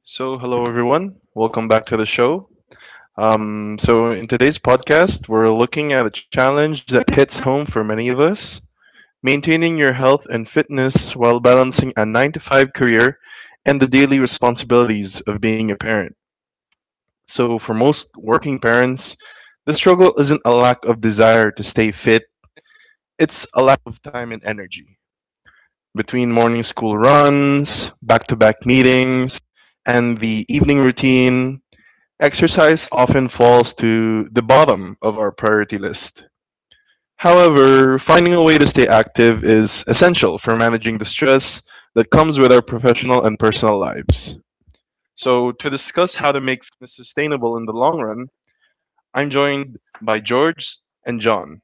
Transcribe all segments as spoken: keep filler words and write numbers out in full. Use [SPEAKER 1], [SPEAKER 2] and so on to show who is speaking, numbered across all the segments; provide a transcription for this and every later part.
[SPEAKER 1] So, hello everyone. Welcome back to the show. Um, so, in today's podcast, we're looking at a challenge that hits home for many of us maintaining your health and fitness while balancing a nine to five career and the daily responsibilities of being a parent. So, for most working parents, the struggle isn't a lack of desire to stay fit, it's a lack of time and energy. Between morning school runs, back to back meetings, and the evening routine, exercise often falls to the bottom of our priority list. However, finding a way to stay active is essential for managing the stress that comes with our professional and personal lives. So, to discuss how to make fitness sustainable in the long run, I'm joined by George and John.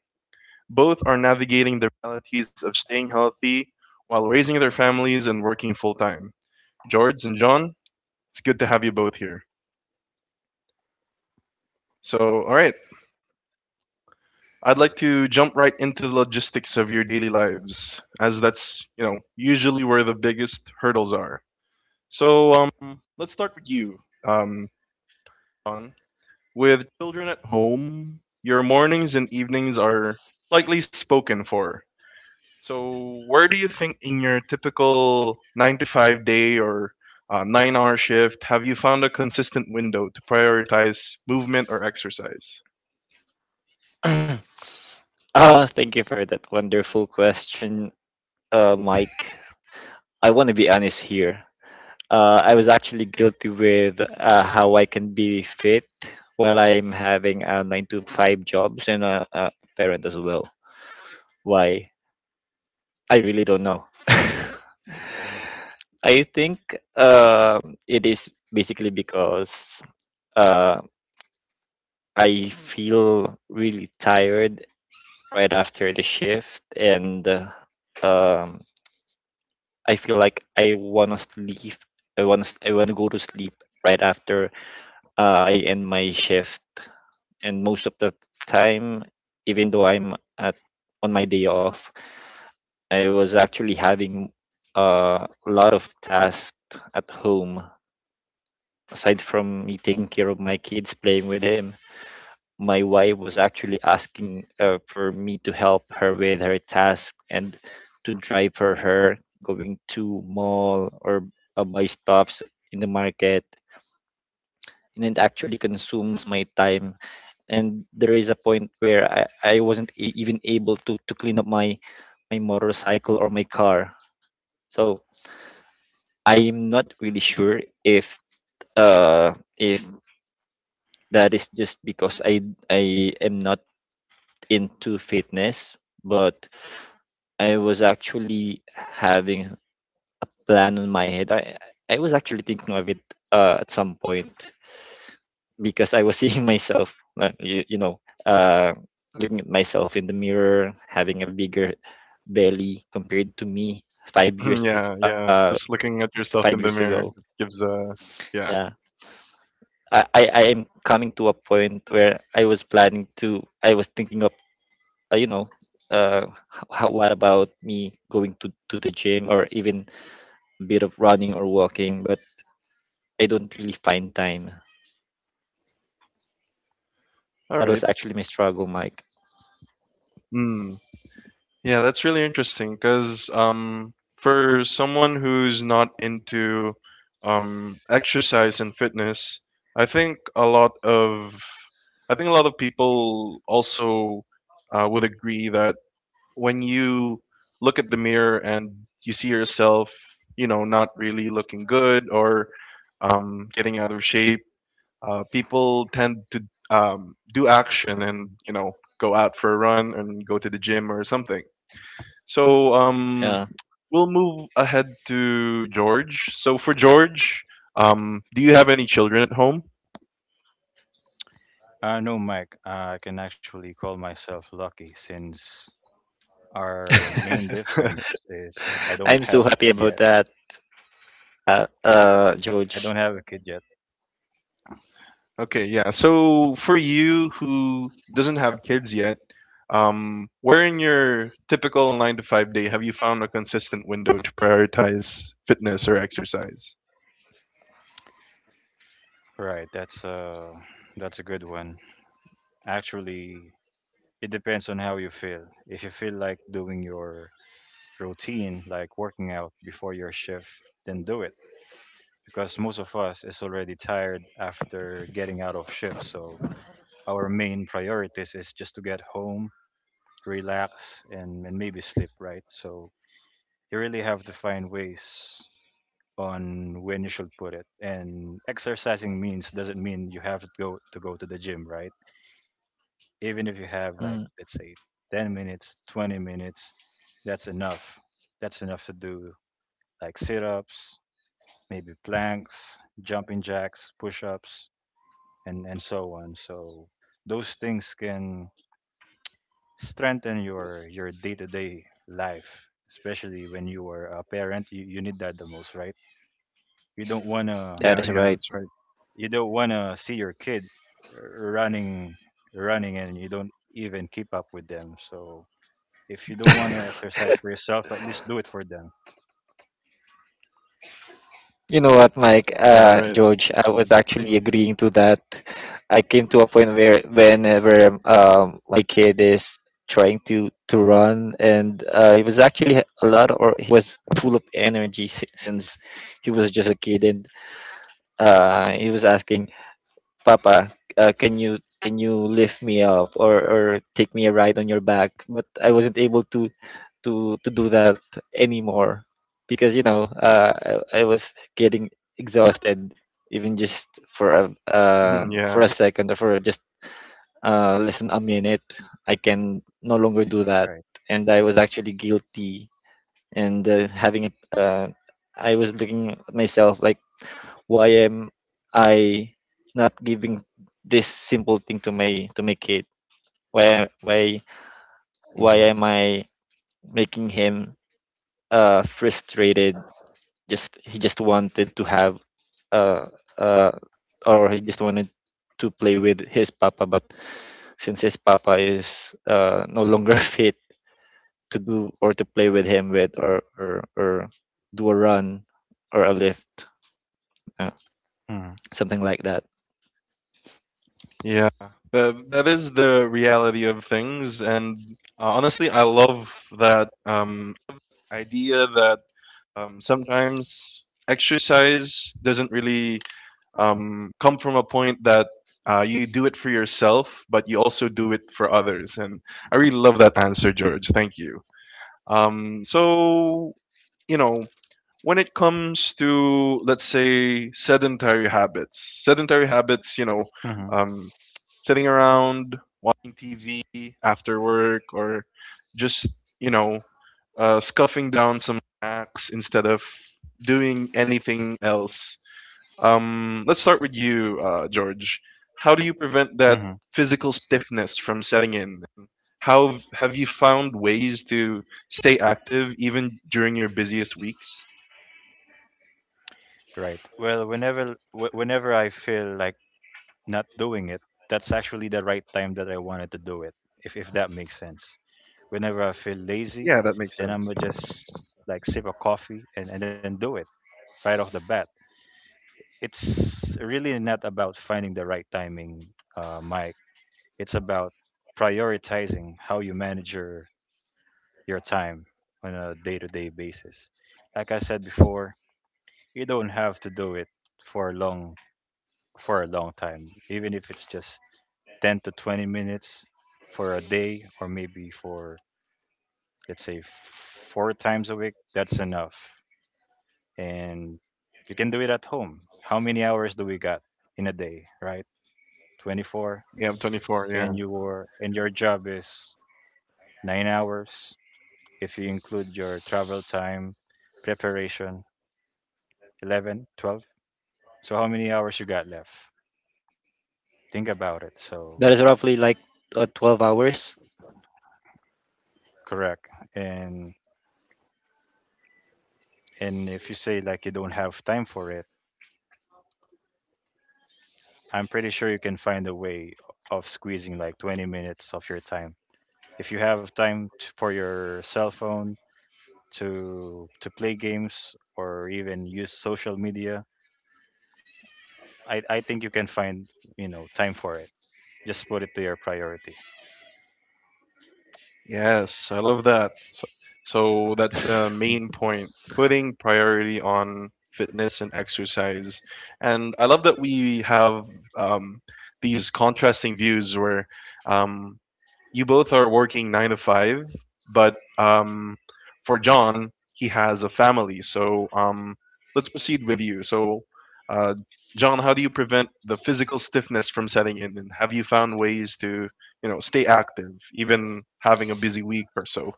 [SPEAKER 1] Both are navigating the realities of staying healthy while raising their families and working full time. George and John, it's good to have you both here. So, all right, I'd like to jump right into the logistics of your daily lives, as that's, you know, usually where the biggest hurdles are. So, um, let's start with you, um, John. With children at home, your mornings and evenings are likely spoken for. So, where do you think in your typical nine to five day or uh, nine hour shift have you found a consistent window to prioritize movement or exercise?
[SPEAKER 2] Uh, thank you for that wonderful question, uh, Mike. I want to be honest here. Uh, I was actually guilty with uh, how I can be fit while I'm having a nine to five jobs and a, a parent as well. Why? I really don't know. I think uh, it is basically because uh, I feel really tired right after the shift, and uh, um, I feel like I wanna sleep. I wanna s- I wanna go to sleep right after uh, I end my shift. And most of the time, even though I'm at on my day off, I was actually having uh, a lot of tasks at home aside from me taking care of my kids, playing with him. My wife was actually asking uh, for me to help her with her task and to drive for her going to mall or uh, buy stops in the market, and it actually consumes my time. And there is a point where i, I wasn't e- even able to, to clean up my my motorcycle or my car. So I'm not really sure if uh if that is just because i I am not into fitness. But I was actually having plan on my head. I I was actually thinking of it uh, at some point because I was seeing myself, uh, you, you know, uh, looking at myself in the mirror, having a bigger belly compared to me five
[SPEAKER 1] Yeah,
[SPEAKER 2] years bef-
[SPEAKER 1] yeah.
[SPEAKER 2] uh
[SPEAKER 1] Just looking at yourself
[SPEAKER 2] five
[SPEAKER 1] in the
[SPEAKER 2] years
[SPEAKER 1] mirror
[SPEAKER 2] ago.
[SPEAKER 1] gives a yeah.
[SPEAKER 2] Yeah, I I I am coming to a point where I was planning to. I was thinking of uh, you know. Uh, how, what about me going to, to the gym or even a bit of running or walking? But I don't really find time.
[SPEAKER 1] All
[SPEAKER 2] That was
[SPEAKER 1] right.
[SPEAKER 2] actually my struggle, Mike.
[SPEAKER 1] Mm. Yeah, that's really interesting because um, for someone who's not into um, exercise and fitness, I think a lot of I think a lot of people also uh, would agree that when you look at the mirror and you see yourself, you know, not really looking good or um, getting out of shape, uh, people tend to um, do action and you know go out for a run and go to the gym or something, so um,
[SPEAKER 2] Yeah.
[SPEAKER 1] we'll move ahead to George. So for George, um, do you have any children at home?
[SPEAKER 3] Uh, no, Mike, uh, I can actually call myself lucky since our main difference is I don't
[SPEAKER 2] I'm
[SPEAKER 3] have
[SPEAKER 2] so
[SPEAKER 3] a
[SPEAKER 2] happy
[SPEAKER 3] kid yet.
[SPEAKER 2] about that, uh, uh,
[SPEAKER 3] I don't
[SPEAKER 2] George.
[SPEAKER 3] have a kid yet.
[SPEAKER 1] Okay, yeah. So for you who doesn't have kids yet, um, where in your typical nine to five day have you found a consistent window to prioritize fitness or exercise?
[SPEAKER 3] Right, that's uh that's a good one. Actually, it depends on how you feel. If you feel like doing your routine, like working out before your shift, then do it because most of us is already tired after getting out of shift. So our main priorities is just to get home, relax and, and maybe sleep, right? So you really have to find ways on when you should put it. And exercising means doesn't mean you have to go to go to the gym, right? Even if you have
[SPEAKER 2] Mm,
[SPEAKER 3] like let's say ten minutes, twenty minutes, that's enough. That's enough to do like sit-ups, maybe planks, jumping jacks, push-ups, and and so on. So those things can strengthen your your day-to-day life, especially when you are a parent, you, you need that the most, right? You don't want to,
[SPEAKER 1] Yeah,
[SPEAKER 2] that is
[SPEAKER 1] yeah,
[SPEAKER 2] right.
[SPEAKER 1] that's right.
[SPEAKER 3] you don't want to see your kid r- running running and you don't even keep up with them. So if you don't want to exercise for yourself, at least do it for them.
[SPEAKER 2] You know what, Mike,
[SPEAKER 1] Yeah, all right.
[SPEAKER 2] uh, George,
[SPEAKER 1] Mm,
[SPEAKER 2] I was
[SPEAKER 1] mm,
[SPEAKER 2] actually agreeing to that. I came to a point where whenever um, my kid is trying to to run, and uh, he was actually a lot, or he was full of energy si- since he was just a kid, and uh, he was asking, "Papa, uh, can you can you lift me up or or take me a ride on your back?" But I wasn't able to to to do that anymore because you know uh, I, I was getting exhausted even just for a
[SPEAKER 1] mm,
[SPEAKER 2] uh,
[SPEAKER 1] yeah,
[SPEAKER 2] for a second or for just uh, less than a minute. I can no longer do that,
[SPEAKER 3] Right.
[SPEAKER 2] and I was actually guilty and uh, having a. Uh, I was looking at myself like why am I not giving this simple thing to my to my kid. why why
[SPEAKER 3] Mm-hmm.
[SPEAKER 2] why am I making him uh frustrated? Just he just wanted to have uh uh or he just wanted to play with his papa, but since his papa is uh no longer fit to do or to play with him with or or, or do a run or a lift, uh,
[SPEAKER 3] Mm-hmm.
[SPEAKER 2] something like that.
[SPEAKER 1] yeah. That, that is the reality of things, and uh, honestly, I love that. Um, idea that um, sometimes exercise doesn't really um, come from a point that uh, you do it for yourself, but you also do it for others. And I really love that answer, George. Thank you. Um, so, you know, when it comes to, let's say, sedentary habits sedentary habits, you know
[SPEAKER 3] Mm-hmm.
[SPEAKER 1] um, sitting around watching tv after work or just you know uh, scuffing down some snacks instead of doing anything else. Um, let's start with you, uh, George. How do you prevent
[SPEAKER 3] Mm-hmm.
[SPEAKER 1] that physical stiffness from setting in? How have you found ways to stay active even during your busiest weeks?
[SPEAKER 3] Right. Well, whenever wh- whenever I feel like not doing it, that's actually the right time that I wanted to do it, if if that makes sense. Whenever I feel lazy,
[SPEAKER 1] Yeah, that makes
[SPEAKER 3] then I'm
[SPEAKER 1] sense.
[SPEAKER 3] gonna just like sip a coffee and, and then do it right off the bat. It's really not about finding the right timing, uh, Mike. It's about prioritizing how you manage your, your time on a day to day basis. Like I said before, you don't have to do it for a long for a long time, even if it's just ten to twenty minutes for a day, or maybe for let's say four times a week, that's enough, and you can do it at home. How many hours do we got in a day, right? twenty-four.
[SPEAKER 1] Yeah, I'm twenty-four.
[SPEAKER 3] And
[SPEAKER 1] Yeah.
[SPEAKER 3] your and your job is nine hours. If you include your travel time, preparation, eleven, twelve. So how many hours you got left? Think about it.
[SPEAKER 2] That is
[SPEAKER 3] So
[SPEAKER 2] roughly like uh, twelve hours.
[SPEAKER 3] correct. And and if you say like you don't have time for it, I'm pretty sure you can find a way of squeezing like twenty minutes of your time. If you have time t- for your cell phone, to to play games or even use social media, I I think you can find, you know, time for it. Just put it to your priority.
[SPEAKER 1] Yes, I love that. So, so that's the
[SPEAKER 2] Mm.
[SPEAKER 1] main point, putting priority on fitness and exercise. And I love that we have um, these contrasting views where um, you both are working nine to five, but um, for John, he has a family. So um, let's proceed with you. So, uh, John, how do you prevent the physical stiffness from setting in? And have you found ways to, you know, stay active, even having a busy week or so?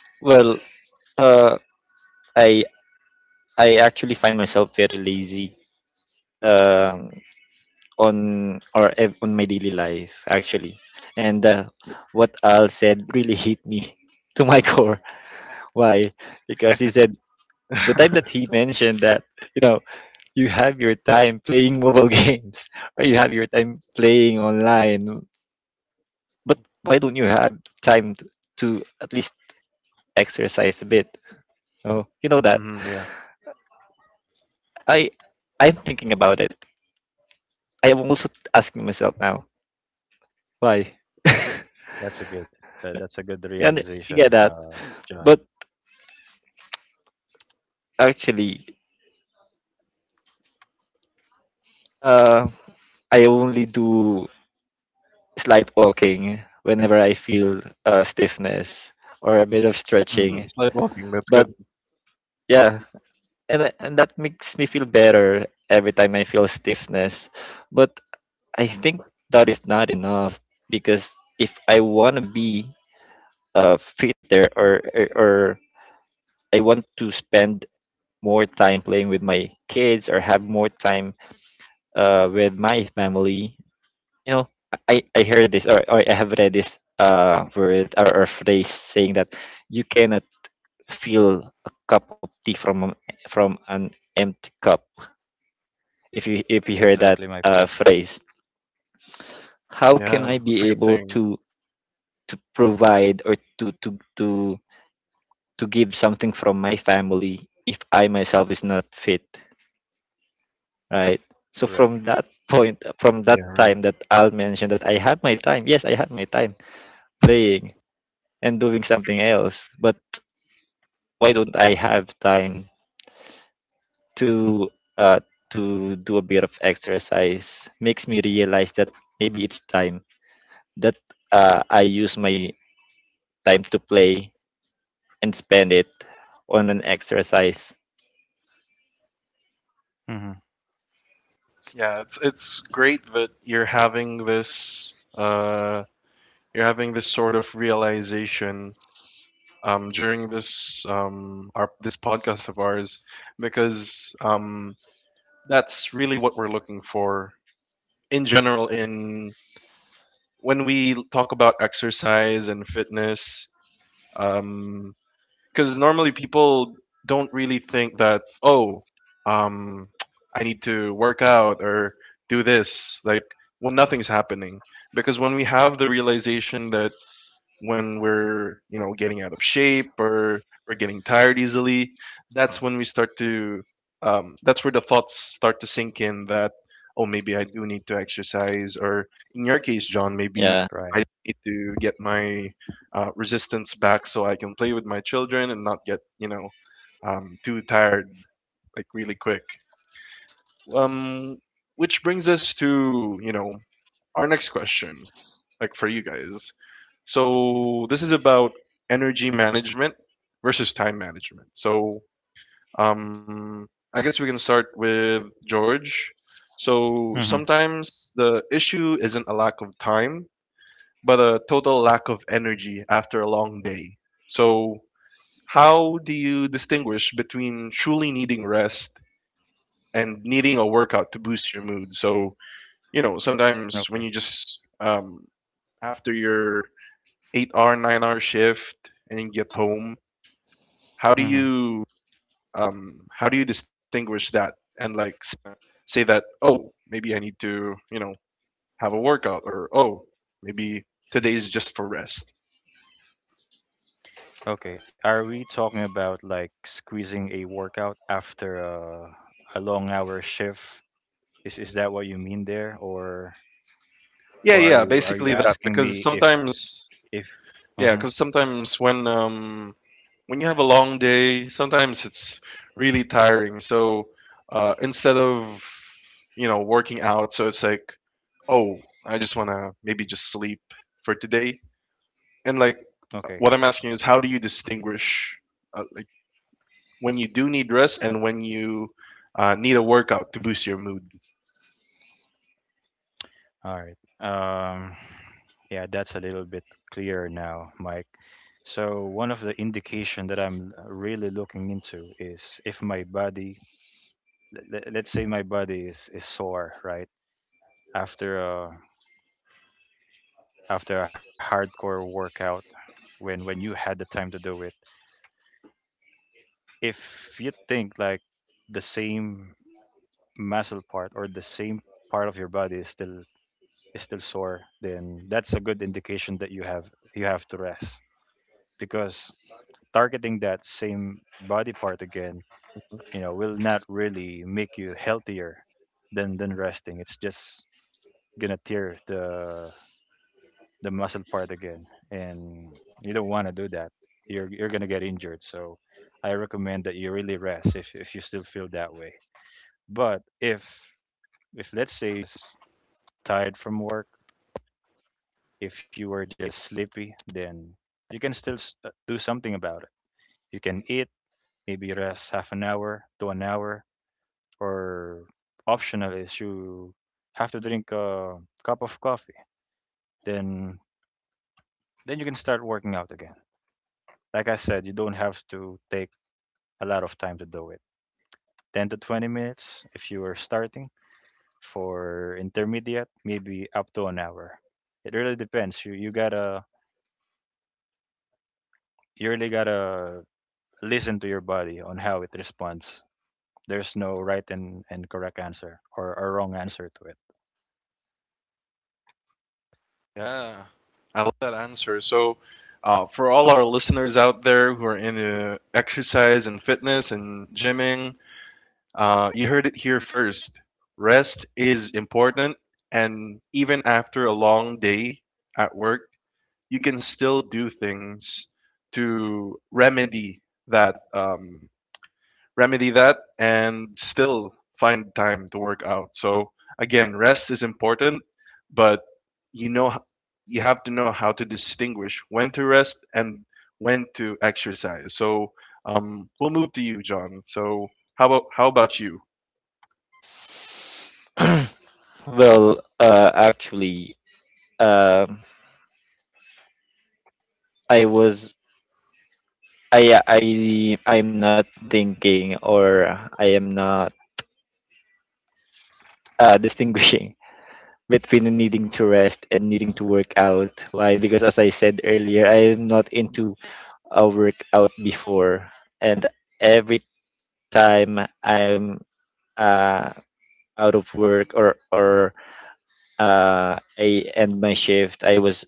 [SPEAKER 2] Well, uh, I I actually find myself very lazy, um, on or ev- on my daily life actually, and uh, what Al said really hit me to my core. Why? Because he said the time that he mentioned that you know you have your time playing mobile games or you have your time playing online, but why don't you have time to, to at least exercise a bit? Oh, you know that
[SPEAKER 1] Hmm, yeah.
[SPEAKER 2] I I'm thinking about it. I am also asking myself now, why?
[SPEAKER 3] That's a good, that, that's a good
[SPEAKER 2] And you
[SPEAKER 3] realization,
[SPEAKER 2] get that.
[SPEAKER 3] uh, John.
[SPEAKER 2] But actually, uh, I only do slight walking whenever I feel uh, stiffness or a bit of
[SPEAKER 3] Mm,
[SPEAKER 1] Mm,
[SPEAKER 2] stretching.
[SPEAKER 1] slide walking. That's good.
[SPEAKER 2] But yeah, and and that makes me feel better every time I feel stiffness. But I think that is not enough because if I want to be uh, fitter or or or I want to spend more time playing with my kids or have more time uh, with my family. You know, I, I heard this or, or I have read this uh, word or, or phrase saying that you cannot fill a cup of tea from an- from an empty cup. If you if you hear
[SPEAKER 3] exactly
[SPEAKER 2] that
[SPEAKER 3] my point.
[SPEAKER 2] uh, phrase,
[SPEAKER 1] Yeah,
[SPEAKER 2] how
[SPEAKER 1] that's
[SPEAKER 2] can
[SPEAKER 1] a
[SPEAKER 2] I
[SPEAKER 1] good
[SPEAKER 2] be
[SPEAKER 1] thing.
[SPEAKER 2] able to to provide or to to to to give something from my family if I myself is not fit, right? So from
[SPEAKER 3] Correct.
[SPEAKER 2] that point, from that
[SPEAKER 1] Yeah.
[SPEAKER 2] time that Al mentioned that I had my time. Yes, I had my time playing and doing something else. But why don't I have time to uh, to do a bit of exercise? Makes me realize that maybe it's time that uh, I use my time to play and spend it on an exercise.
[SPEAKER 3] Hmm.
[SPEAKER 1] Yeah, it's it's great that you're having this uh you're having this sort of realization, um, during this, um, our this podcast of ours, because um, that's really what we're looking for in general in when we talk about exercise and fitness, um, because normally people don't really think that, oh, um, I need to work out or do this, like, well, nothing's happening. Because when we have the realization that when we're you know getting out of shape or we're getting tired easily, that's when we start to um, that's where the thoughts start to sink in, that, oh, maybe I do need to exercise, or in your case, John, maybe
[SPEAKER 2] Yeah.
[SPEAKER 3] Right.
[SPEAKER 1] I need to get my uh, resistance back so I can play with my children and not get, you know um, too tired, like, really quick. um, which brings us to, you know our next question, like for you guys. So this is about energy management versus time management. So um, I guess we can start with George. So
[SPEAKER 3] Hmm.
[SPEAKER 1] sometimes the issue isn't a lack of time, but a total lack of energy after a long day. So how do you distinguish between truly needing rest and needing a workout to boost your mood? So you know sometimes when you
[SPEAKER 3] Okay.
[SPEAKER 1] just, um, after your eight hour, nine hour shift and you get home, how do
[SPEAKER 3] Hmm.
[SPEAKER 1] you um, how do you distinguish that? And, like, s- say that, oh, maybe I need to you know have a workout, or, oh, maybe today is just for rest.
[SPEAKER 3] Okay. Are we talking about like squeezing a workout after a, a long hour shift? Is is that what you mean there, or
[SPEAKER 1] Yeah,
[SPEAKER 3] or are
[SPEAKER 1] yeah,
[SPEAKER 3] you are you
[SPEAKER 1] basically that,
[SPEAKER 3] asking
[SPEAKER 1] because
[SPEAKER 3] me if
[SPEAKER 1] sometimes,
[SPEAKER 3] if?
[SPEAKER 1] yeah,
[SPEAKER 3] Hmm.
[SPEAKER 1] because sometimes when um, when you have a long day, sometimes it's really tiring. So uh, instead of, you know working out, so it's like, oh, I just want to maybe just sleep for today. And like
[SPEAKER 3] Okay.
[SPEAKER 1] what I'm asking is, how do you distinguish, uh, like when you do need rest and when you uh, need a workout to boost your mood?
[SPEAKER 3] All right. Um, yeah, that's a little bit clearer now, Mike. So one of the indication that I'm really looking into is if my body, let, let's say my body is, is sore, right? After a, after a hardcore workout, when when you had the time to do it, if you think like the same muscle part or the same part of your body is still, is still sore, then that's a good indication that you have, you have to rest, because targeting that same body part again, you know, will not really make you healthier than than resting. It's just gonna tear the the muscle part again, and you don't want to do that. You're you're gonna get injured. So I recommend that you really rest if if you still feel that way. But if if let's say you're just tired from work, if you were just sleepy, then you can still s- uh, do something about it. You can eat, maybe rest half an hour to an hour, or optional is you have to drink a cup of coffee, then then you can start working out again. Like I said, you don't have to take a lot of time to do it. ten to twenty minutes if you are starting, for intermediate maybe up to an hour. It really depends. You you gotta you really gotta listen to your body on how it responds. There's no right and, and correct answer or a wrong answer to
[SPEAKER 1] Yeah, I love that answer. So, uh, for all our listeners out there who are into exercise and fitness and gymming, uh, you heard it here first. Rest is important, and even after a long day at work, you can still do things to remedy that, um, remedy that and still find time to work out. So again, rest is important, but you know you have to know how to distinguish when to rest and when to exercise. So, um, we'll move to you, John. So how about how about you?
[SPEAKER 2] Well, uh, actually, um I was I I I'm not thinking or I am not uh, distinguishing between needing to rest and needing to work out. Why? Because as I said earlier, I am not into a workout before, and every time I'm uh, out of work or or uh, I end my shift, I was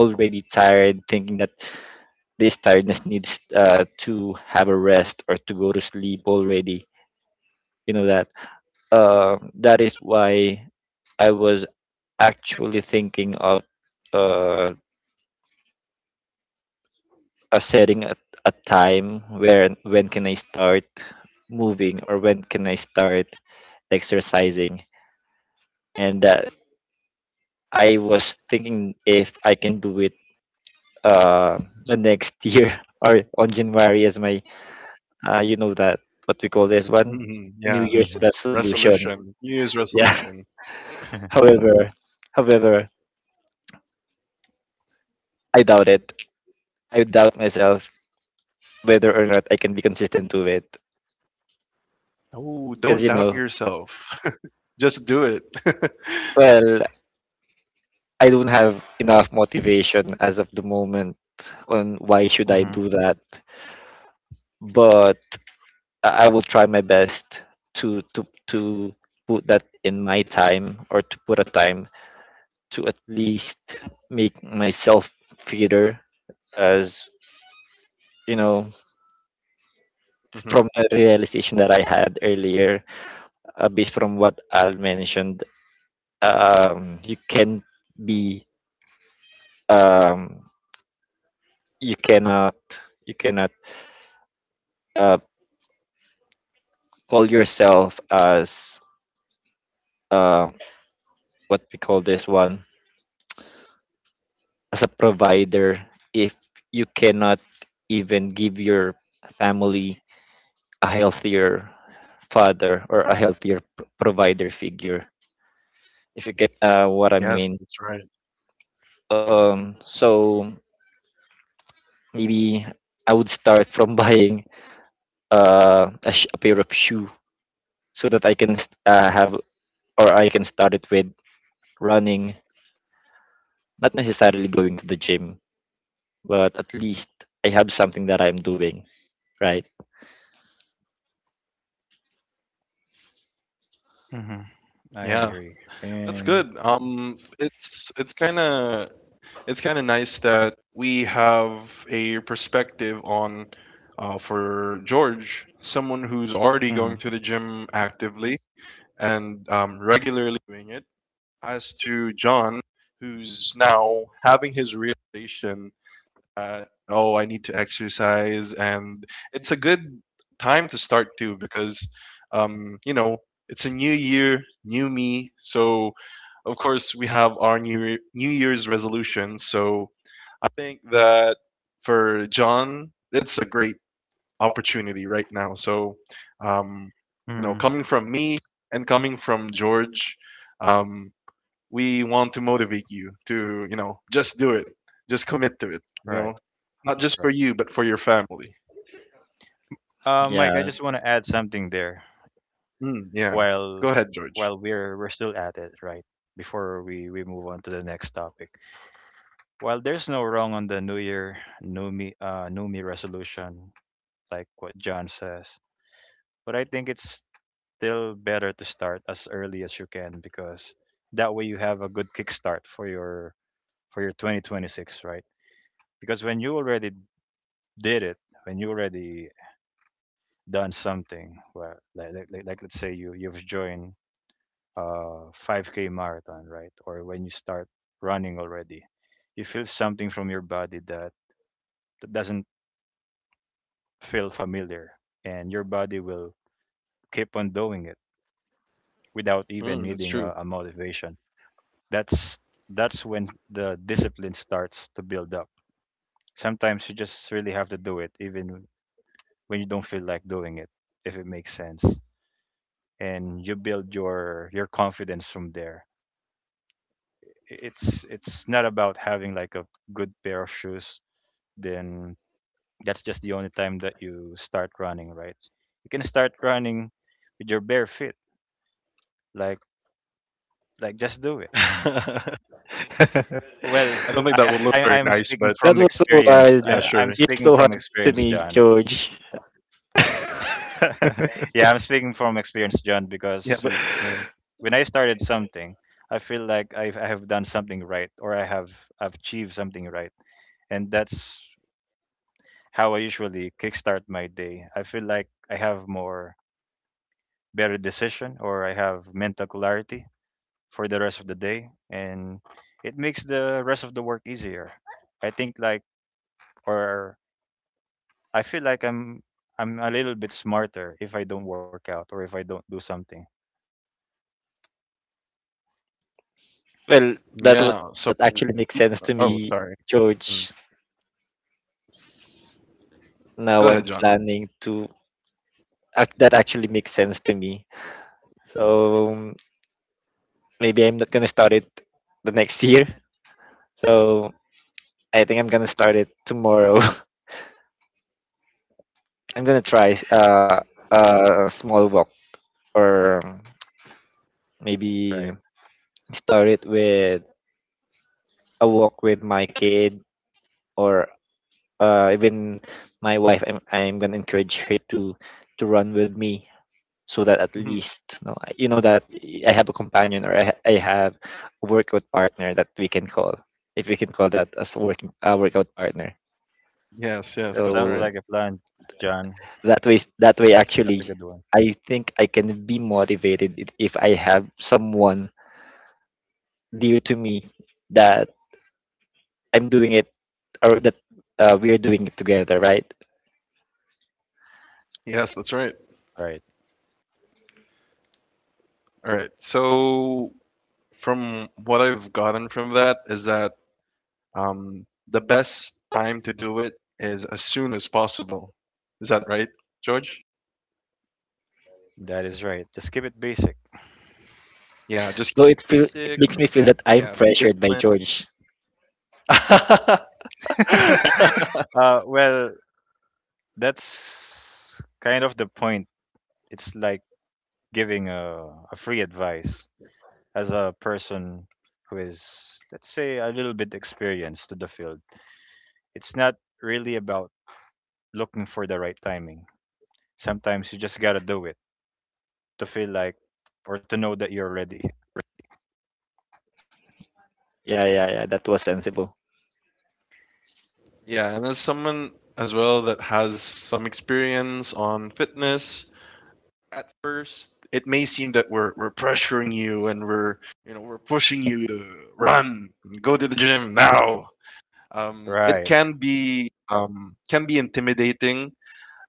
[SPEAKER 2] already tired, thinking that this tiredness needs uh, to have a rest or to go to sleep already. You know that. Uh, that is why I was actually thinking of uh, a setting a, a time where when can I start moving or when can I start exercising, and that I was thinking if I can do it uh, the next year or on January as my uh, you know that what we call this one,
[SPEAKER 1] Hmm,
[SPEAKER 3] it.
[SPEAKER 2] New
[SPEAKER 1] yeah.
[SPEAKER 2] Year's resolution.
[SPEAKER 1] resolution New year's
[SPEAKER 2] Yeah.
[SPEAKER 1] resolution.
[SPEAKER 2] However, however, I doubt it. I doubt myself whether or not I can be consistent to it.
[SPEAKER 1] Oh, don't
[SPEAKER 2] Because, you
[SPEAKER 1] doubt
[SPEAKER 2] know,
[SPEAKER 1] yourself. Just do it.
[SPEAKER 2] well, I don't have enough motivation as of the moment on why should
[SPEAKER 3] Hmm.
[SPEAKER 2] I do that. But I I will try my best to to to put that in my time or to put a time to at least make myself fitter as you know,
[SPEAKER 1] Mhm.
[SPEAKER 2] from the realization that I had earlier, uh, based from what Al mentioned, um, you can be um, you cannot you cannot uh, call yourself as uh, what we call this one, as a provider if you cannot even give your family a healthier father or a healthier p- provider figure, if you get uh, what I
[SPEAKER 1] Yes,
[SPEAKER 2] mean.
[SPEAKER 1] that's right.
[SPEAKER 2] Um so maybe I would start from buying uh, a, sh- a pair of shoe so that I can st- uh, have or i can start it with running, not necessarily going to the gym, but at least I have something that I'm doing, right?
[SPEAKER 3] Mhm.
[SPEAKER 1] Yeah,
[SPEAKER 3] I agree.
[SPEAKER 1] that's good.
[SPEAKER 3] And
[SPEAKER 1] Um, it's it's kind of it's kind of nice that we have a perspective on, uh, for George, someone who's already going to
[SPEAKER 3] mhm,
[SPEAKER 1] the gym actively and um, regularly doing it, as to John, who's now having his realization, uh, oh, I need to exercise. And it's a good time to start too because, um, you know, it's a new year, new me. So, of course, we have our new, Year- new Year's resolutions. So, I think that for John, it's a great opportunity right now. So, um, you know,
[SPEAKER 3] mhm,
[SPEAKER 1] coming from me and coming from George, um, we want to motivate you to, you know just do it, just commit to it, you know
[SPEAKER 3] right,
[SPEAKER 1] not just for
[SPEAKER 3] right.
[SPEAKER 1] you, but for your family.
[SPEAKER 3] Uh, Mike, I
[SPEAKER 2] Yeah.
[SPEAKER 3] just want to add something there
[SPEAKER 1] Mm, yeah.
[SPEAKER 3] while,
[SPEAKER 1] Go ahead, George.
[SPEAKER 3] while we're we're still at it, right? Before we we move on to the next topic. While there's no wrong on the New Year, New Me, uh, New Me resolution, like what John says, but I think it's still better to start as early as you can, because that way you have a good kickstart for your, for your twenty twenty-six, right? Because when you already did it, when you already done something well, like, like, like like let's say you you've joined a five k marathon, right? Or when you start running already, you feel something from your body that, that doesn't feel familiar, and your body will keep on doing it without even
[SPEAKER 1] Mm, that's
[SPEAKER 3] needing
[SPEAKER 1] true.
[SPEAKER 3] a, a motivation. that's that's when the discipline starts to build up. Sometimes you just really have to do it even when you don't feel like doing it, if it makes sense, and you build your your confidence from there. it's it's not about having like a good pair of shoes, then that's just the only time that you start running, right? You can start running with your bare feet, like
[SPEAKER 1] I
[SPEAKER 3] like just do it.
[SPEAKER 1] don't think
[SPEAKER 2] That
[SPEAKER 1] that would look
[SPEAKER 3] well
[SPEAKER 1] very nice,
[SPEAKER 3] i,
[SPEAKER 1] but
[SPEAKER 3] I I'm speaking from
[SPEAKER 2] was
[SPEAKER 1] yeah,
[SPEAKER 2] so
[SPEAKER 1] sure.
[SPEAKER 3] experience.
[SPEAKER 2] hard.
[SPEAKER 3] I'm, I'm
[SPEAKER 2] You're
[SPEAKER 3] speaking
[SPEAKER 2] so
[SPEAKER 3] from
[SPEAKER 2] hard
[SPEAKER 3] experience,
[SPEAKER 2] to me,
[SPEAKER 3] John.
[SPEAKER 2] George.
[SPEAKER 3] yeah, I'm speaking from experience, John,
[SPEAKER 1] Yeah, but,
[SPEAKER 3] because y-
[SPEAKER 1] yeah,
[SPEAKER 3] when I started something, I feel like I've, I have done something right, or I have, I've achieved something, right? And that's how I usually kickstart my day. I feel like I have more better decision, or I have mental clarity for the rest of the day, and it makes the rest of the work easier. I think like, or I feel like I'm I'm a little bit smarter if I don't work out or if I don't do something.
[SPEAKER 2] Well, that
[SPEAKER 1] yeah.
[SPEAKER 2] was
[SPEAKER 1] So,
[SPEAKER 2] that actually makes sense to
[SPEAKER 1] oh,
[SPEAKER 2] me,
[SPEAKER 1] sorry. Mm.
[SPEAKER 2] George.
[SPEAKER 1] Go
[SPEAKER 2] Now
[SPEAKER 1] ahead,
[SPEAKER 2] I'm
[SPEAKER 1] John.
[SPEAKER 2] planning to act, that actually makes sense to me. So um, maybe I'm not gonna start it the next year. So I think I'm gonna start it tomorrow. I'm gonna try uh, a small walk or maybe
[SPEAKER 3] Right.
[SPEAKER 2] start it with a walk with my kid or uh, even my wife. I'm, I'm gonna encourage her to to run with me so that at
[SPEAKER 1] Hmm.
[SPEAKER 2] least you know, I- you know that I have a companion or I, ha- I have a workout partner that we can call, if we can call that as a working a workout partner.
[SPEAKER 1] Yes, yes,
[SPEAKER 3] That
[SPEAKER 1] that's
[SPEAKER 2] So
[SPEAKER 1] right.
[SPEAKER 3] sounds like a plan, John.
[SPEAKER 2] that way, that way
[SPEAKER 3] That's
[SPEAKER 2] actually
[SPEAKER 3] that's a good one.
[SPEAKER 2] I think I can be motivated if if I have someone dear to me that I'm doing it or that uh, we're doing it together, right?
[SPEAKER 1] Yes, that's right.
[SPEAKER 3] Right.
[SPEAKER 1] All right, so from what I've gotten from that is that, Um, the best time to do it is as soon as possible. Is that right, George?
[SPEAKER 3] That is right. Just keep it basic.
[SPEAKER 1] Yeah, just keep it
[SPEAKER 2] Though it feel
[SPEAKER 1] basic.
[SPEAKER 2] it makes me feel that I'm
[SPEAKER 1] Yeah, be
[SPEAKER 2] pressured by George.
[SPEAKER 1] disciplined.
[SPEAKER 3] Uh, well, that's kind of the point. It's like giving a, a free advice as a person who is, let's say, a little bit experienced to the field. It's not really about looking for the right timing. Sometimes you just gotta do it to feel like or to know that you're ready.
[SPEAKER 2] Yeah, yeah, yeah. That was sensible.
[SPEAKER 1] Yeah, and as someone as well that has some experience on fitness, at first it may seem that we're we're pressuring you and we're you know we're pushing you to run, go to the gym now. Um, it
[SPEAKER 3] Right.
[SPEAKER 1] can be, um, can be intimidating.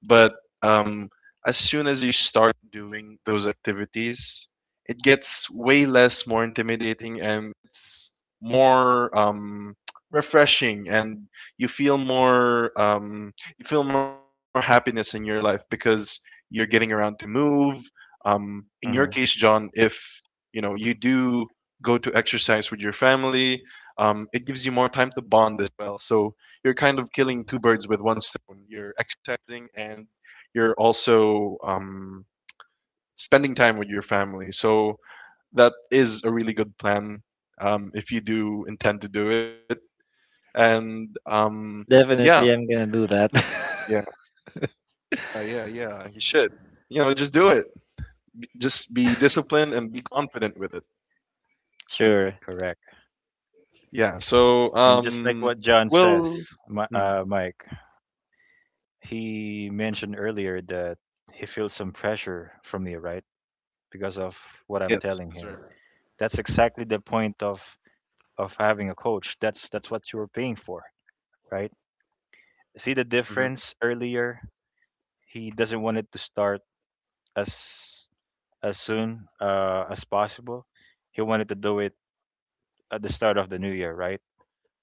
[SPEAKER 1] But um, as soon as you start doing those activities, it gets way less more intimidating, and it's more, um, refreshing, and you feel more, um, you feel more happiness in your life, because you're getting around to move. Um, in your case,
[SPEAKER 3] Hmm.
[SPEAKER 1] John, if you know you do go to exercise with your family, um, it gives you more time to bond as well. So you're kind of killing two birds with one stone. You're exercising and you're also um, spending time with your family. So that is a really good plan, um, if you do intend to do it. And um, yeah,
[SPEAKER 2] Definitely, I'm gonna do that.
[SPEAKER 1] yeah, uh, yeah, yeah. You should, you know, just do it. Just be disciplined and be confident with it.
[SPEAKER 2] Sure.
[SPEAKER 3] Correct.
[SPEAKER 1] Yeah. So,
[SPEAKER 3] And just like
[SPEAKER 1] um,
[SPEAKER 3] what John
[SPEAKER 1] well,
[SPEAKER 3] says, Mi-
[SPEAKER 1] hmm,
[SPEAKER 3] uh, Mike, he mentioned earlier that he feels some pressure from me, right? Because of what I'm
[SPEAKER 1] yes,
[SPEAKER 3] telling
[SPEAKER 1] that's
[SPEAKER 3] him.
[SPEAKER 1] right.
[SPEAKER 3] That's exactly the point of of having a coach. That's that's what you are paying for, right? See the
[SPEAKER 1] Hmm.
[SPEAKER 3] difference earlier. He doesn't want it to start as as soon uh, as possible. He wanted to do it at the start of the new year, right?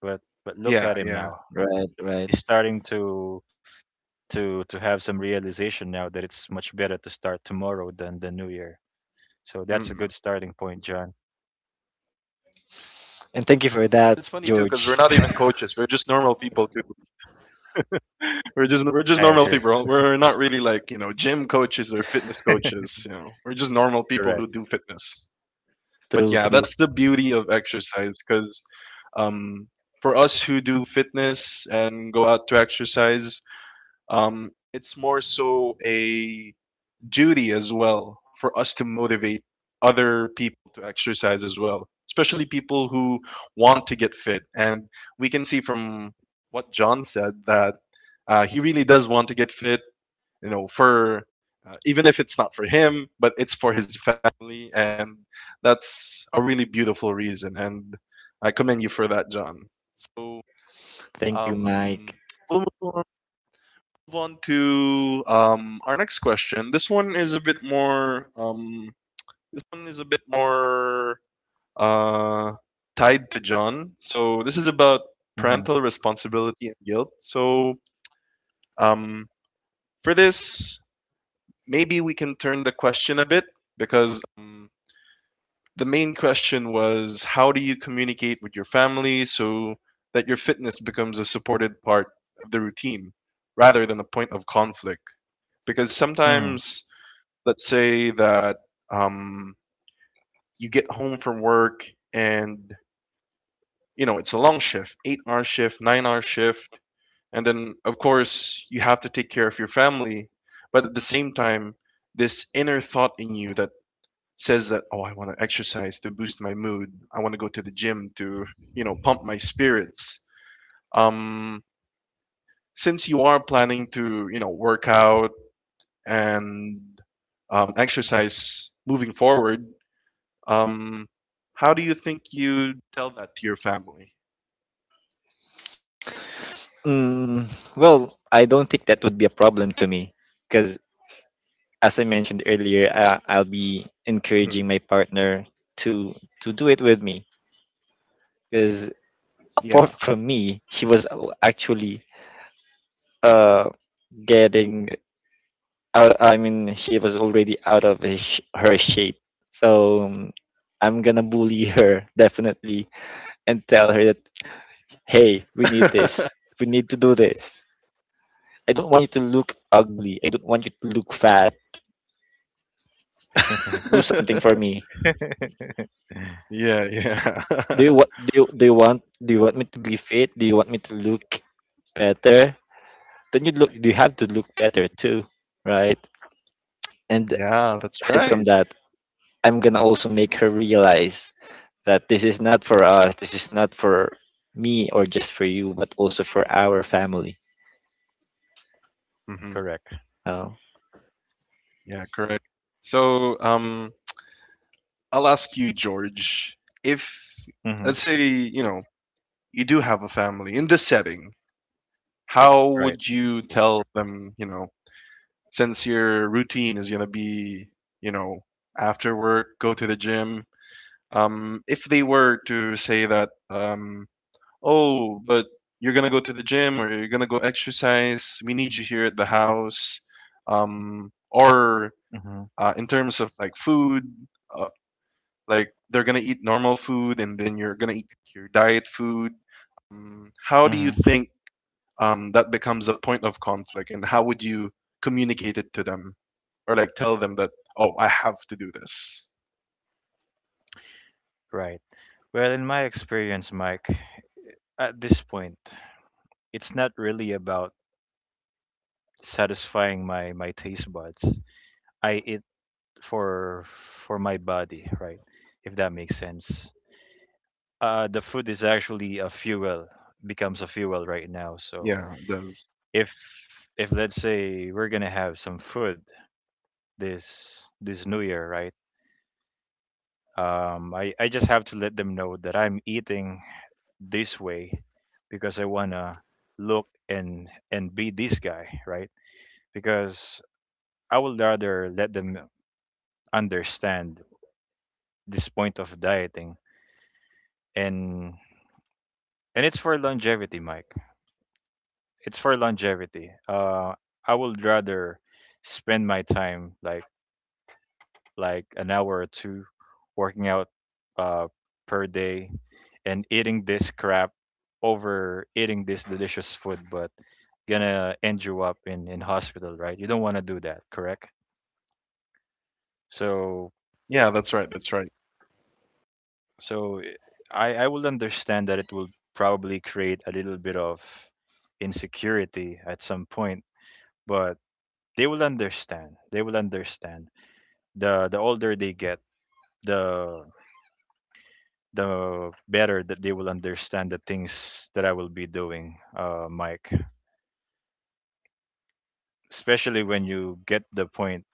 [SPEAKER 3] But but look at
[SPEAKER 1] Yeah,
[SPEAKER 3] him
[SPEAKER 1] yeah.
[SPEAKER 3] now.
[SPEAKER 2] Right, right.
[SPEAKER 3] He's starting to to to have some realization now that it's much better to start tomorrow than the new year. So that's a good
[SPEAKER 1] Mm.
[SPEAKER 3] starting point, John.
[SPEAKER 1] It's funny too
[SPEAKER 2] And
[SPEAKER 1] because
[SPEAKER 2] thank
[SPEAKER 1] we're
[SPEAKER 2] you
[SPEAKER 1] not
[SPEAKER 2] for
[SPEAKER 1] even
[SPEAKER 2] that,
[SPEAKER 1] coaches; we're just
[SPEAKER 2] George.
[SPEAKER 1] normal people too. We're just we're just normal people. We're
[SPEAKER 3] I
[SPEAKER 1] not really
[SPEAKER 3] agree.
[SPEAKER 1] like, you know gym coaches or fitness coaches. You know, we're just normal people who do
[SPEAKER 3] Correct.
[SPEAKER 1] fitness. But yeah, that's the
[SPEAKER 2] True,
[SPEAKER 1] beauty
[SPEAKER 2] true.
[SPEAKER 1] of exercise because um, for us who do fitness and go out to exercise, um, it's more so a duty as well for us to motivate other people to exercise as well, especially people who want to get fit. And we can see from what John said that uh, he really does want to get fit, you know, for uh, even if it's not for him, but it's for his family. And that's a really beautiful reason. And I commend you for that, John. So,
[SPEAKER 2] Thank you,
[SPEAKER 1] um,
[SPEAKER 2] Mike.
[SPEAKER 1] we'll move on move on to um, our next question. This one is a bit more um, is a bit more uh, tied to John. So this is about
[SPEAKER 3] Hmm.
[SPEAKER 1] parental responsibility and guilt. So um, for this, maybe we can turn the question a bit because um, the main question was, how do you communicate with your family so that your fitness becomes a supported part of the routine rather than a point of conflict? Because
[SPEAKER 3] Hmm.
[SPEAKER 1] sometimes, let's say that um, you get home from work and you know it's a long shift, eight hour shift, nine hour shift, and then of course you have to take care of your family, but at the same time, this inner thought in you that says that, oh, I want to exercise to boost my mood, I want to go to the gym to, you know, pump my spirits. Um, since you are planning to, you know, work out and um, exercise moving forward, um, how do you think you tell that to your family?
[SPEAKER 2] Mm, well, I don't think that would be a problem to me because, as I mentioned earlier, I, I'll be
[SPEAKER 1] Mhm.
[SPEAKER 2] encouraging my partner to to do it with me because
[SPEAKER 1] Yeah.
[SPEAKER 2] apart from me, she was actually uh getting out. I mean, she was already out of his, sh- her shape. So um, I'm gonna bully her definitely and tell her that hey, we need this. We need to do this. I don't want you to look ugly. I don't want you to look fat. Do something for me.
[SPEAKER 1] Yeah, yeah.
[SPEAKER 2] Do you what? Do you, do you want? Do you want me to be fit? Do you want me to look better? Then you look. You have to look better too, right? And
[SPEAKER 1] Yeah, that's
[SPEAKER 2] aside
[SPEAKER 1] right.
[SPEAKER 2] from that, I'm gonna also make her realize that this is not for us, this is not for me or just for you, but also for our family.
[SPEAKER 1] Mhm.
[SPEAKER 3] Correct.
[SPEAKER 2] Oh.
[SPEAKER 1] Yeah, correct. So, um, I'll ask you, George, if let's
[SPEAKER 3] Hmm.
[SPEAKER 1] say, you know, you do have a family in this setting, how
[SPEAKER 3] Right.
[SPEAKER 1] would you tell them, you know, since your routine is gonna be, you know, after work, go to the gym, um, if they were to say that, um, oh, but you're gonna go to the gym or you're gonna go exercise. We need you here at the house. Um, or
[SPEAKER 3] Hmm.
[SPEAKER 1] uh, in terms of like food, uh, like they're gonna eat normal food and then you're gonna eat your diet food. Um, how do you
[SPEAKER 3] Hmm.
[SPEAKER 1] think um, that becomes a point of conflict, and how would you communicate it to them or like tell them that, oh, I have to do this?
[SPEAKER 3] Right. Well, in my experience, Mike, at this point, it's not really about satisfying my my taste buds. I eat for for my body, right? If that makes sense. Uh, the food is actually a fuel,
[SPEAKER 1] Yeah, it
[SPEAKER 3] becomes a
[SPEAKER 1] does.
[SPEAKER 3] fuel right now. So if if let's say we're gonna have some food this this new year, right? Um, I I just have to let them know that I'm eating this way because I wanna look and and be this guy, right? Because I would rather let them understand this point of dieting, and and it's for longevity, Mike. It's for longevity. Uh, I would rather spend my time like like an hour or two working out, uh, per day and eating this crap over eating this delicious food, but gonna end you up in in hospital, right? You don't want to do that, correct?
[SPEAKER 1] Yeah,
[SPEAKER 3] So,
[SPEAKER 1] that's right. That's right.
[SPEAKER 3] so I I will understand that it will probably create a little bit of insecurity at some point, but they will understand. They will understand. the the older they get, the the better that they will understand the things that I will be doing, uh, Mike, especially when you get the point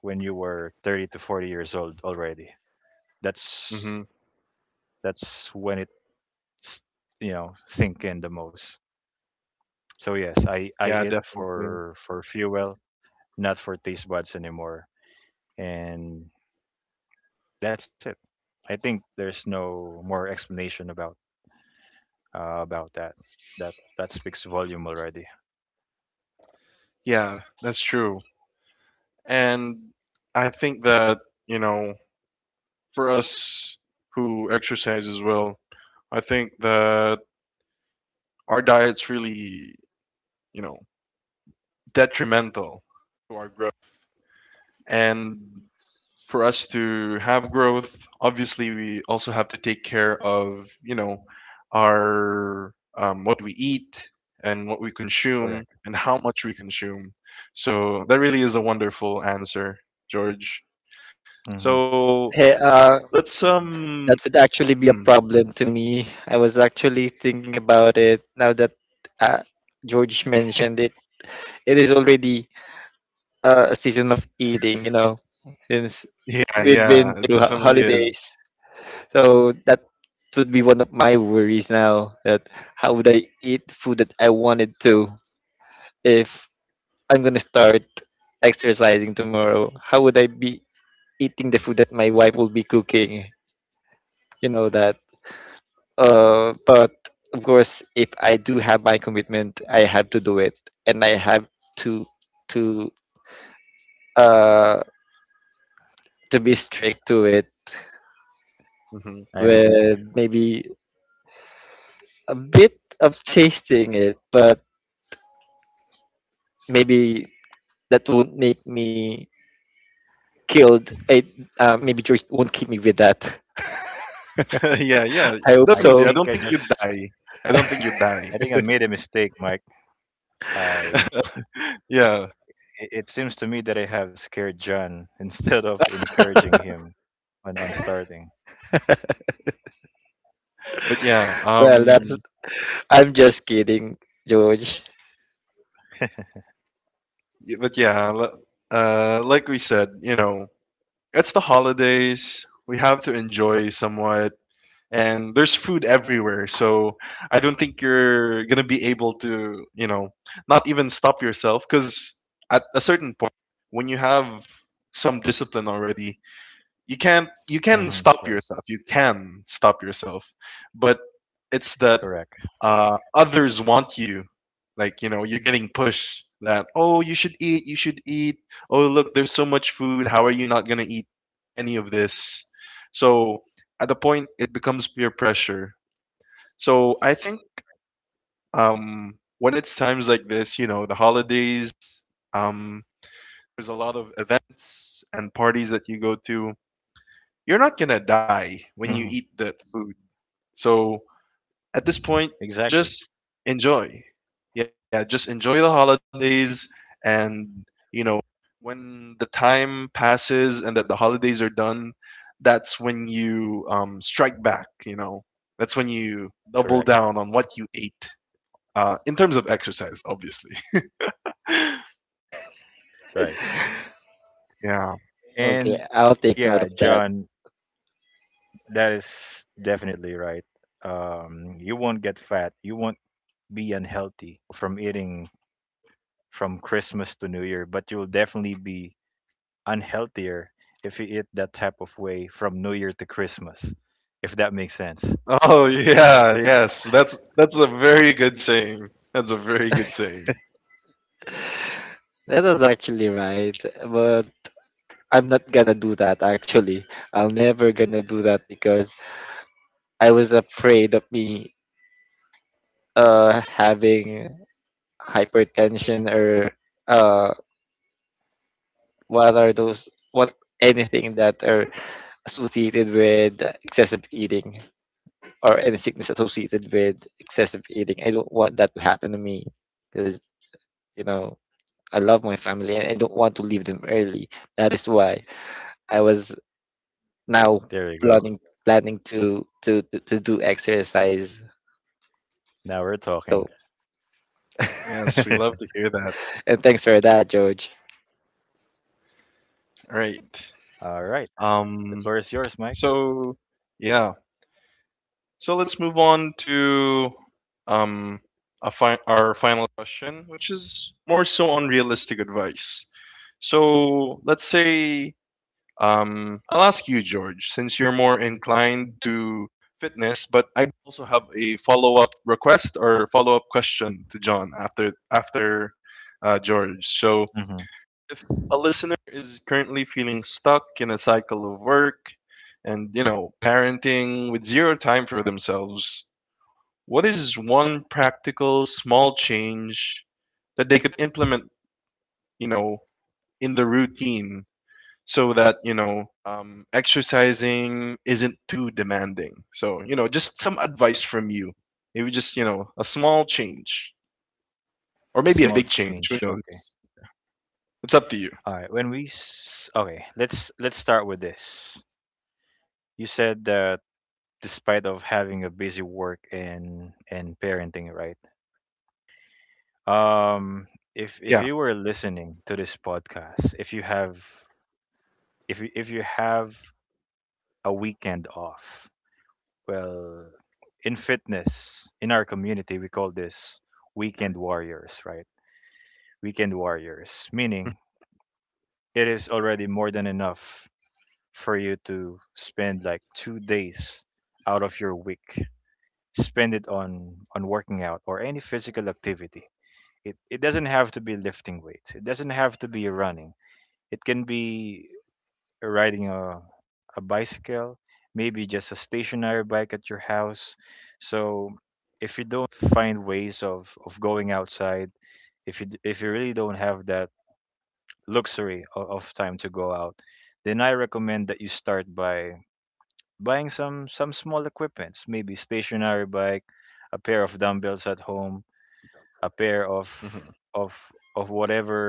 [SPEAKER 3] when you were thirty to forty years old already. that's
[SPEAKER 1] Hmm.
[SPEAKER 3] that's when it's, you know, sink in the most. So yes, i i
[SPEAKER 1] Yeah,
[SPEAKER 3] eat
[SPEAKER 1] definitely.
[SPEAKER 3] for for fuel, not for taste buds anymore, and that's it. I think there's no more explanation about, uh, about that. That, that speaks volume already.
[SPEAKER 1] Yeah, that's true. And I think that, you know, for us who exercise as well, I think that our diet's really, you know, detrimental to our growth. And for us to have growth, obviously we also have to take care of, you know, our um, what we eat and what we
[SPEAKER 3] Correct.
[SPEAKER 1] consume and how much we consume. So that really is a wonderful answer, George.
[SPEAKER 3] Hmm.
[SPEAKER 1] So
[SPEAKER 2] Hey, uh,
[SPEAKER 1] let's um
[SPEAKER 2] that would
[SPEAKER 1] hmm.
[SPEAKER 2] actually be a problem to me. I was actually thinking about it now that uh, George mentioned it. It is already uh, a season of eating, you know, since
[SPEAKER 1] Yeah,
[SPEAKER 2] we've
[SPEAKER 1] yeah,
[SPEAKER 2] been
[SPEAKER 1] it
[SPEAKER 2] through ho-
[SPEAKER 1] definitely
[SPEAKER 2] holidays.
[SPEAKER 1] is.
[SPEAKER 2] So that would be one of my worries now, that how would I eat food that I wanted to? If I'm gonna start exercising tomorrow, how would I be eating the food that my wife will be cooking? You know that. Uh, but of course, if I do have my commitment, I have to do it, and I have to to uh to be strict to it
[SPEAKER 1] Mhm.
[SPEAKER 3] I agree.
[SPEAKER 2] with maybe a bit of tasting it, but maybe that won't make me killed. It uh, Maybe George won't keep me with that.
[SPEAKER 1] Yeah, yeah,
[SPEAKER 2] I hope
[SPEAKER 3] I
[SPEAKER 1] definitely. I
[SPEAKER 2] so.
[SPEAKER 3] think
[SPEAKER 1] don't
[SPEAKER 3] I
[SPEAKER 1] think you'd
[SPEAKER 3] just,
[SPEAKER 1] die. I don't think you'd
[SPEAKER 3] I
[SPEAKER 1] die.
[SPEAKER 3] think I made a mistake, Mike. I,
[SPEAKER 1] Yeah,
[SPEAKER 3] it, it seems to me that I have scared John instead of encouraging him on, on starting.
[SPEAKER 1] but yeah,
[SPEAKER 2] Well, that's,
[SPEAKER 1] um,
[SPEAKER 2] I'm just kidding, George.
[SPEAKER 1] y- but yeah, l- uh, like we said, you know, it's the holidays. We have to enjoy somewhat, and there's food everywhere. So I don't think you're gonna be able to, you know, not even stop yourself because at a certain point, when you have some discipline already, you can't you can
[SPEAKER 3] Hmm.
[SPEAKER 1] stop
[SPEAKER 3] Right.
[SPEAKER 1] yourself, you can stop yourself But it's that
[SPEAKER 3] Correct.
[SPEAKER 1] uh, others want you, like, you know, you're getting pushed that, oh, you should eat, you should eat, oh, look, there's so much food, how are you not going to eat any of this? So at the point it becomes peer pressure. So I think um, when it's times like this, you know, the holidays, um, there's a lot of events and parties that you go to. You're not going to die when
[SPEAKER 3] Hmm.
[SPEAKER 1] you eat that food. So at this point,
[SPEAKER 3] Exactly.
[SPEAKER 1] just enjoy. Yeah, just enjoy the holidays. And y- you know, when the time passes and that the holidays are done, that's when you um, strike back, you know. That's when you double
[SPEAKER 3] Correct.
[SPEAKER 1] down on what you ate. Uh, in terms of exercise, obviously.
[SPEAKER 3] Right.
[SPEAKER 1] Yeah.
[SPEAKER 2] Okay,
[SPEAKER 3] And
[SPEAKER 2] I'll take note
[SPEAKER 3] yeah,
[SPEAKER 2] of that.
[SPEAKER 3] John, that is definitely right. Um, you won't get fat. You won't be unhealthy from eating from Christmas to New Year, but you'll definitely be unhealthier if you eat that type of way from New Year to Christmas, if that makes sense.
[SPEAKER 1] Oh yeah, yes. That's that's a very good saying. That's a very good saying.
[SPEAKER 2] That is actually right, but I'm not gonna do that actually. I'm never gonna do that because I was afraid of me uh having hypertension or uh what are those what anything that are associated with excessive eating or any sickness associated with excessive eating. I don't want that to happen to me because you know I love my family and I don't want to leave them early. That is why I was now
[SPEAKER 3] There you go.
[SPEAKER 2] planning planning to to to, to do exercise.
[SPEAKER 3] Now we're talking.
[SPEAKER 2] So
[SPEAKER 1] Yes, we love to hear that.
[SPEAKER 2] and thanks for that, George.
[SPEAKER 1] All right.
[SPEAKER 3] All right. The floor is
[SPEAKER 1] Um.
[SPEAKER 3] yours, Mike.
[SPEAKER 1] So yeah. So let's move on to um a fi- our final question, which is more so on realistic advice. So let's say um, I'll ask you, George, since you're more inclined to fitness, but I also have a follow-up request or follow-up question to John after after uh, George. So
[SPEAKER 3] Hmm.
[SPEAKER 1] if a listener is currently feeling stuck in a cycle of work and, you know, parenting with zero time for themselves, what is one practical small change that they could implement, you know, in the routine, so that, you know, um, exercising isn't too demanding? So, you know, just some advice from you. Maybe just, you know, a small change, or
[SPEAKER 3] A
[SPEAKER 1] maybe a
[SPEAKER 3] small
[SPEAKER 1] big change,
[SPEAKER 3] change.
[SPEAKER 1] who
[SPEAKER 3] Okay.
[SPEAKER 1] knows? It's up to you.
[SPEAKER 3] All right. When we s- okay, let's let's start with this. You said that despite of having a busy work and and parenting, right? Um,
[SPEAKER 1] Yeah.
[SPEAKER 3] if if you were listening to this podcast, if you have, if you, if you have a weekend off, well, in fitness in our community we call this weekend warriors, right? Weekend warriors meaning it is already more than enough for you to spend like two days out of your week, spend it on on working out or any physical activity. it, it doesn't have to be lifting weights, it doesn't have to be running. It can be riding a, a bicycle, maybe just a stationary bike at your house. So if you don't find ways of, of going outside, if you d- if you really don't have that luxury of, of time to go out, then I recommend that you start by buying some some small equipments, maybe stationary bike, a pair of dumbbells at home, a pair of,
[SPEAKER 1] Mhm.
[SPEAKER 3] of of whatever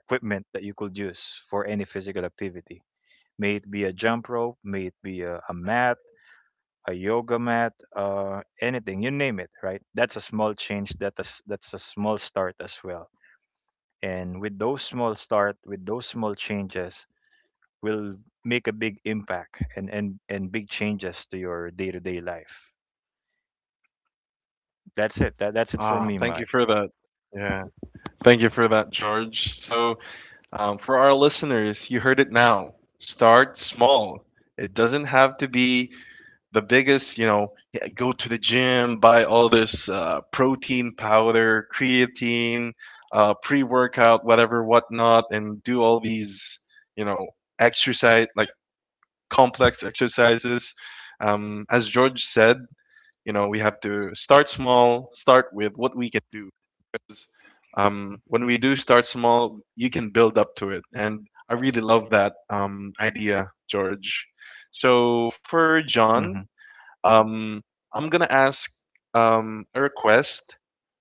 [SPEAKER 3] equipment that you could use for any physical activity, may it be a jump rope, may it be a, a mat, a yoga mat, uh, anything, you name it, right? That's a small change. That is, that's a small start as well. And with those small start, with those small changes, will make a big impact and, and and big changes to your day to day life. That's it. That, that's it for
[SPEAKER 1] Ah,
[SPEAKER 3] me,
[SPEAKER 1] thank
[SPEAKER 3] Mike.
[SPEAKER 1] you for that. Yeah, thank you for that, George. So, um, for our listeners, you heard it now. Start small. It doesn't have to be the biggest, you know, yeah, go to the gym, buy all this uh, protein powder, creatine, uh, pre workout, whatever, whatnot, and do all these, you know, exercise, like complex exercises. Um, as George said, you know, we have to start small, start with what we can do. Um, when we do start small, you can build up to it. And I really love that um, idea, George. So for
[SPEAKER 3] Hmm.
[SPEAKER 1] John, um, I'm going to ask um, a request.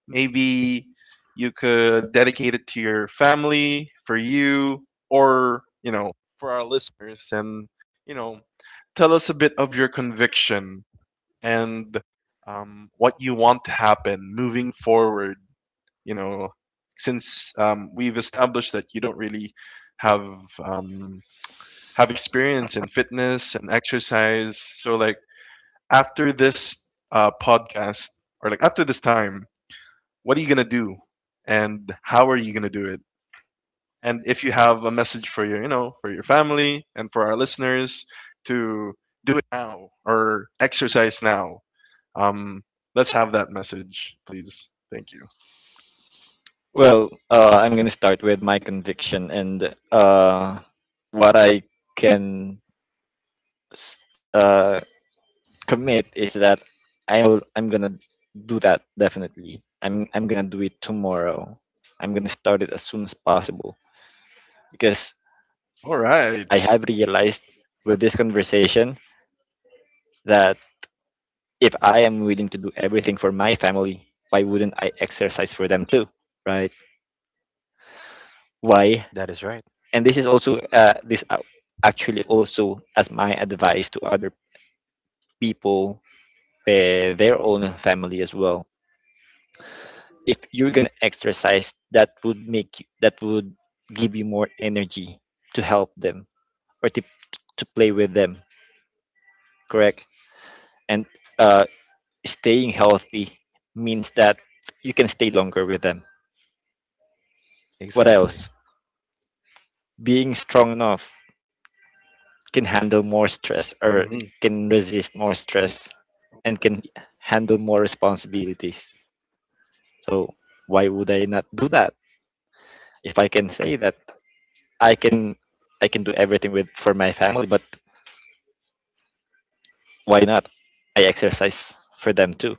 [SPEAKER 1] Maybe you could dedicate it to your family, for you, or, you know, for our listeners. And, you know, tell us a bit of your conviction and um, what you want to happen moving forward, you know, since um, we've established that you don't really have um, have experience in fitness and exercise, so like after this uh, podcast or like after this time, what are you gonna do, and how are you gonna do it? And if you have a message for your, you know, for your family and for our listeners to do it now or exercise now, um, let's have that message, please. Thank you.
[SPEAKER 2] Well, uh, I'm going to start with my conviction and uh, what I can s- uh, commit is that I'll, I'm going to do that definitely. I'm, I'm going to do it tomorrow. I'm going to start it as soon as possible because
[SPEAKER 1] All
[SPEAKER 2] I
[SPEAKER 1] right.
[SPEAKER 2] have realized with this conversation that if I am willing to do everything for my family, why wouldn't I exercise for them too, right?
[SPEAKER 3] That is right.
[SPEAKER 2] Why? And this is also uh, this a- actually also as my advice to other people, uh, their own family as well. If you're gonna exercise, that would make you, that would give you more energy to help them or to to play with them, correct? And uh, staying healthy means that you can stay longer with them. What
[SPEAKER 3] Exactly.
[SPEAKER 2] else? Being strong enough can handle more stress or
[SPEAKER 1] Mhm,
[SPEAKER 2] can resist more stress and can handle more responsibilities. So why would I not do that? If I can
[SPEAKER 1] yeah.
[SPEAKER 2] say that I can I can do everything with for my family, but why not? I exercise for them too.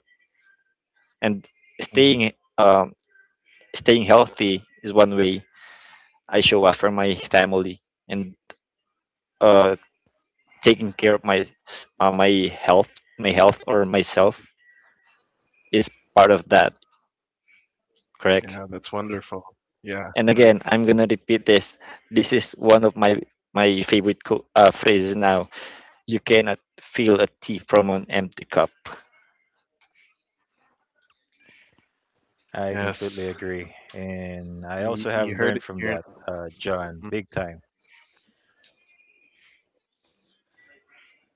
[SPEAKER 2] And
[SPEAKER 3] Hmm.
[SPEAKER 2] staying um, staying healthy is one way I show up for my family, and uh, taking care of my uh, my health my health or myself is part of that,
[SPEAKER 1] Yeah,
[SPEAKER 2] correct.
[SPEAKER 1] that's wonderful. Yeah,
[SPEAKER 2] And
[SPEAKER 1] right.
[SPEAKER 2] again, I'm gonna repeat this, this is one of my my favorite co- uh, phrases now. You cannot fill a tea from an empty cup.
[SPEAKER 3] I
[SPEAKER 1] Yes.
[SPEAKER 3] completely agree, and I
[SPEAKER 1] You
[SPEAKER 3] also
[SPEAKER 1] you
[SPEAKER 3] have
[SPEAKER 1] heard it
[SPEAKER 3] learned from
[SPEAKER 1] here.
[SPEAKER 3] that, uh,
[SPEAKER 1] Mm.
[SPEAKER 3] John, big time.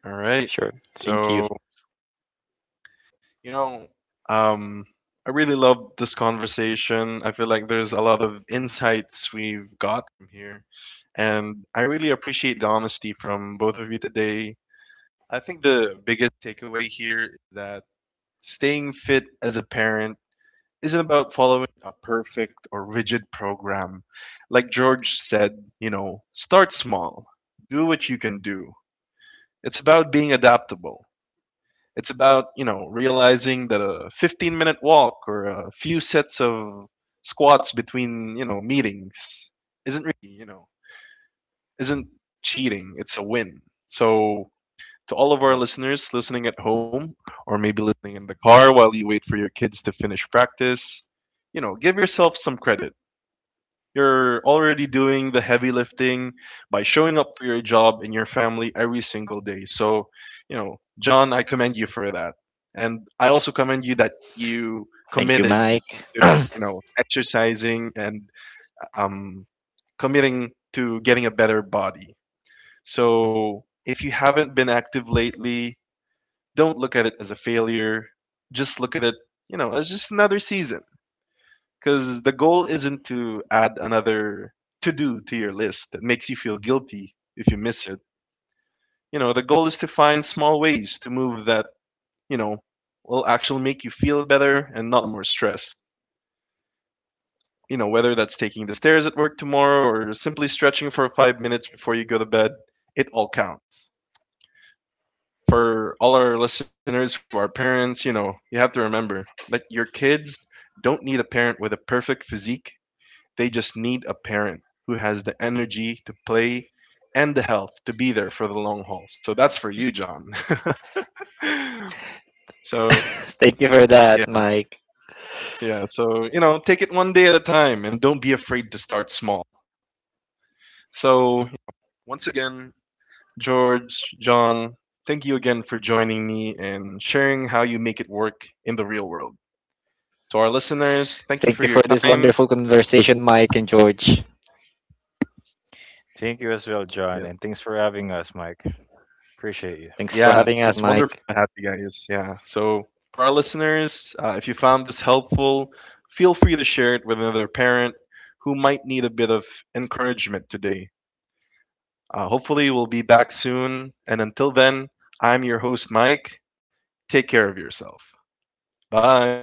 [SPEAKER 1] All right.
[SPEAKER 2] Sure, thank you.
[SPEAKER 1] So, you know, um, I really love this conversation. I feel like there's a lot of insights we've got from here. And I really appreciate the honesty from both of you today. I think the biggest takeaway here is that staying fit as a parent isn't about following a perfect or rigid program. Like George said, you know, start small, do what you can do. It's about being adaptable. It's about, you know, realizing that a fifteen minute walk or a few sets of squats between, you know, meetings isn't really, you know, isn't cheating. It's a win. So to all of our listeners listening at home or maybe listening in the car while you wait for your kids to finish practice. You know, give yourself some credit. You're already doing the heavy lifting by showing up for your job and your family every single day. So, you know, John, I commend you for that. And I also commend you that you
[SPEAKER 2] Thank you,
[SPEAKER 1] committed
[SPEAKER 2] Mike.
[SPEAKER 1] to, you know, exercising and um, committing to getting a better body. So if you haven't been active lately, don't look at it as a failure. Just look at it, you know, as just another season. Because the goal isn't to add another to do to your list that makes you feel guilty if you miss it. You know, the goal is to find small ways to move that, you know, will actually make you feel better and not more stressed. You know, whether that's taking the stairs at work tomorrow or simply stretching for five minutes before you go to bed, it all counts. For all our listeners who are parents, you know, you have to remember that your kids don't need a parent with a perfect physique. They just need a parent who has the energy to play and the health to be there for the long haul. So that's for you, John. So,
[SPEAKER 2] Thank you for that,
[SPEAKER 1] yeah,
[SPEAKER 2] Mike.
[SPEAKER 1] yeah. So, you know, take it one day at a time and don't be afraid to start small. So, once again, George, John, thank you again for joining me and sharing how you make it work in the real world. To our listeners, thank you
[SPEAKER 2] Thank
[SPEAKER 1] for
[SPEAKER 2] you
[SPEAKER 1] your
[SPEAKER 2] for this
[SPEAKER 1] time.
[SPEAKER 2] wonderful conversation, Mike and George.
[SPEAKER 3] Thank you as well, John,
[SPEAKER 1] Yeah,
[SPEAKER 3] and thanks for having us, Mike. Appreciate you.
[SPEAKER 2] Thanks for
[SPEAKER 1] yeah
[SPEAKER 2] having
[SPEAKER 1] it's,
[SPEAKER 2] us,
[SPEAKER 1] it's wonderful
[SPEAKER 2] Mike.
[SPEAKER 1] to have you guys. Yeah. So, for our listeners, uh, if you found this helpful, feel free to share it with another parent who might need a bit of encouragement today. Uh, hopefully, we'll be back soon. And until then, I'm your host, Mike. Take care of yourself. Bye.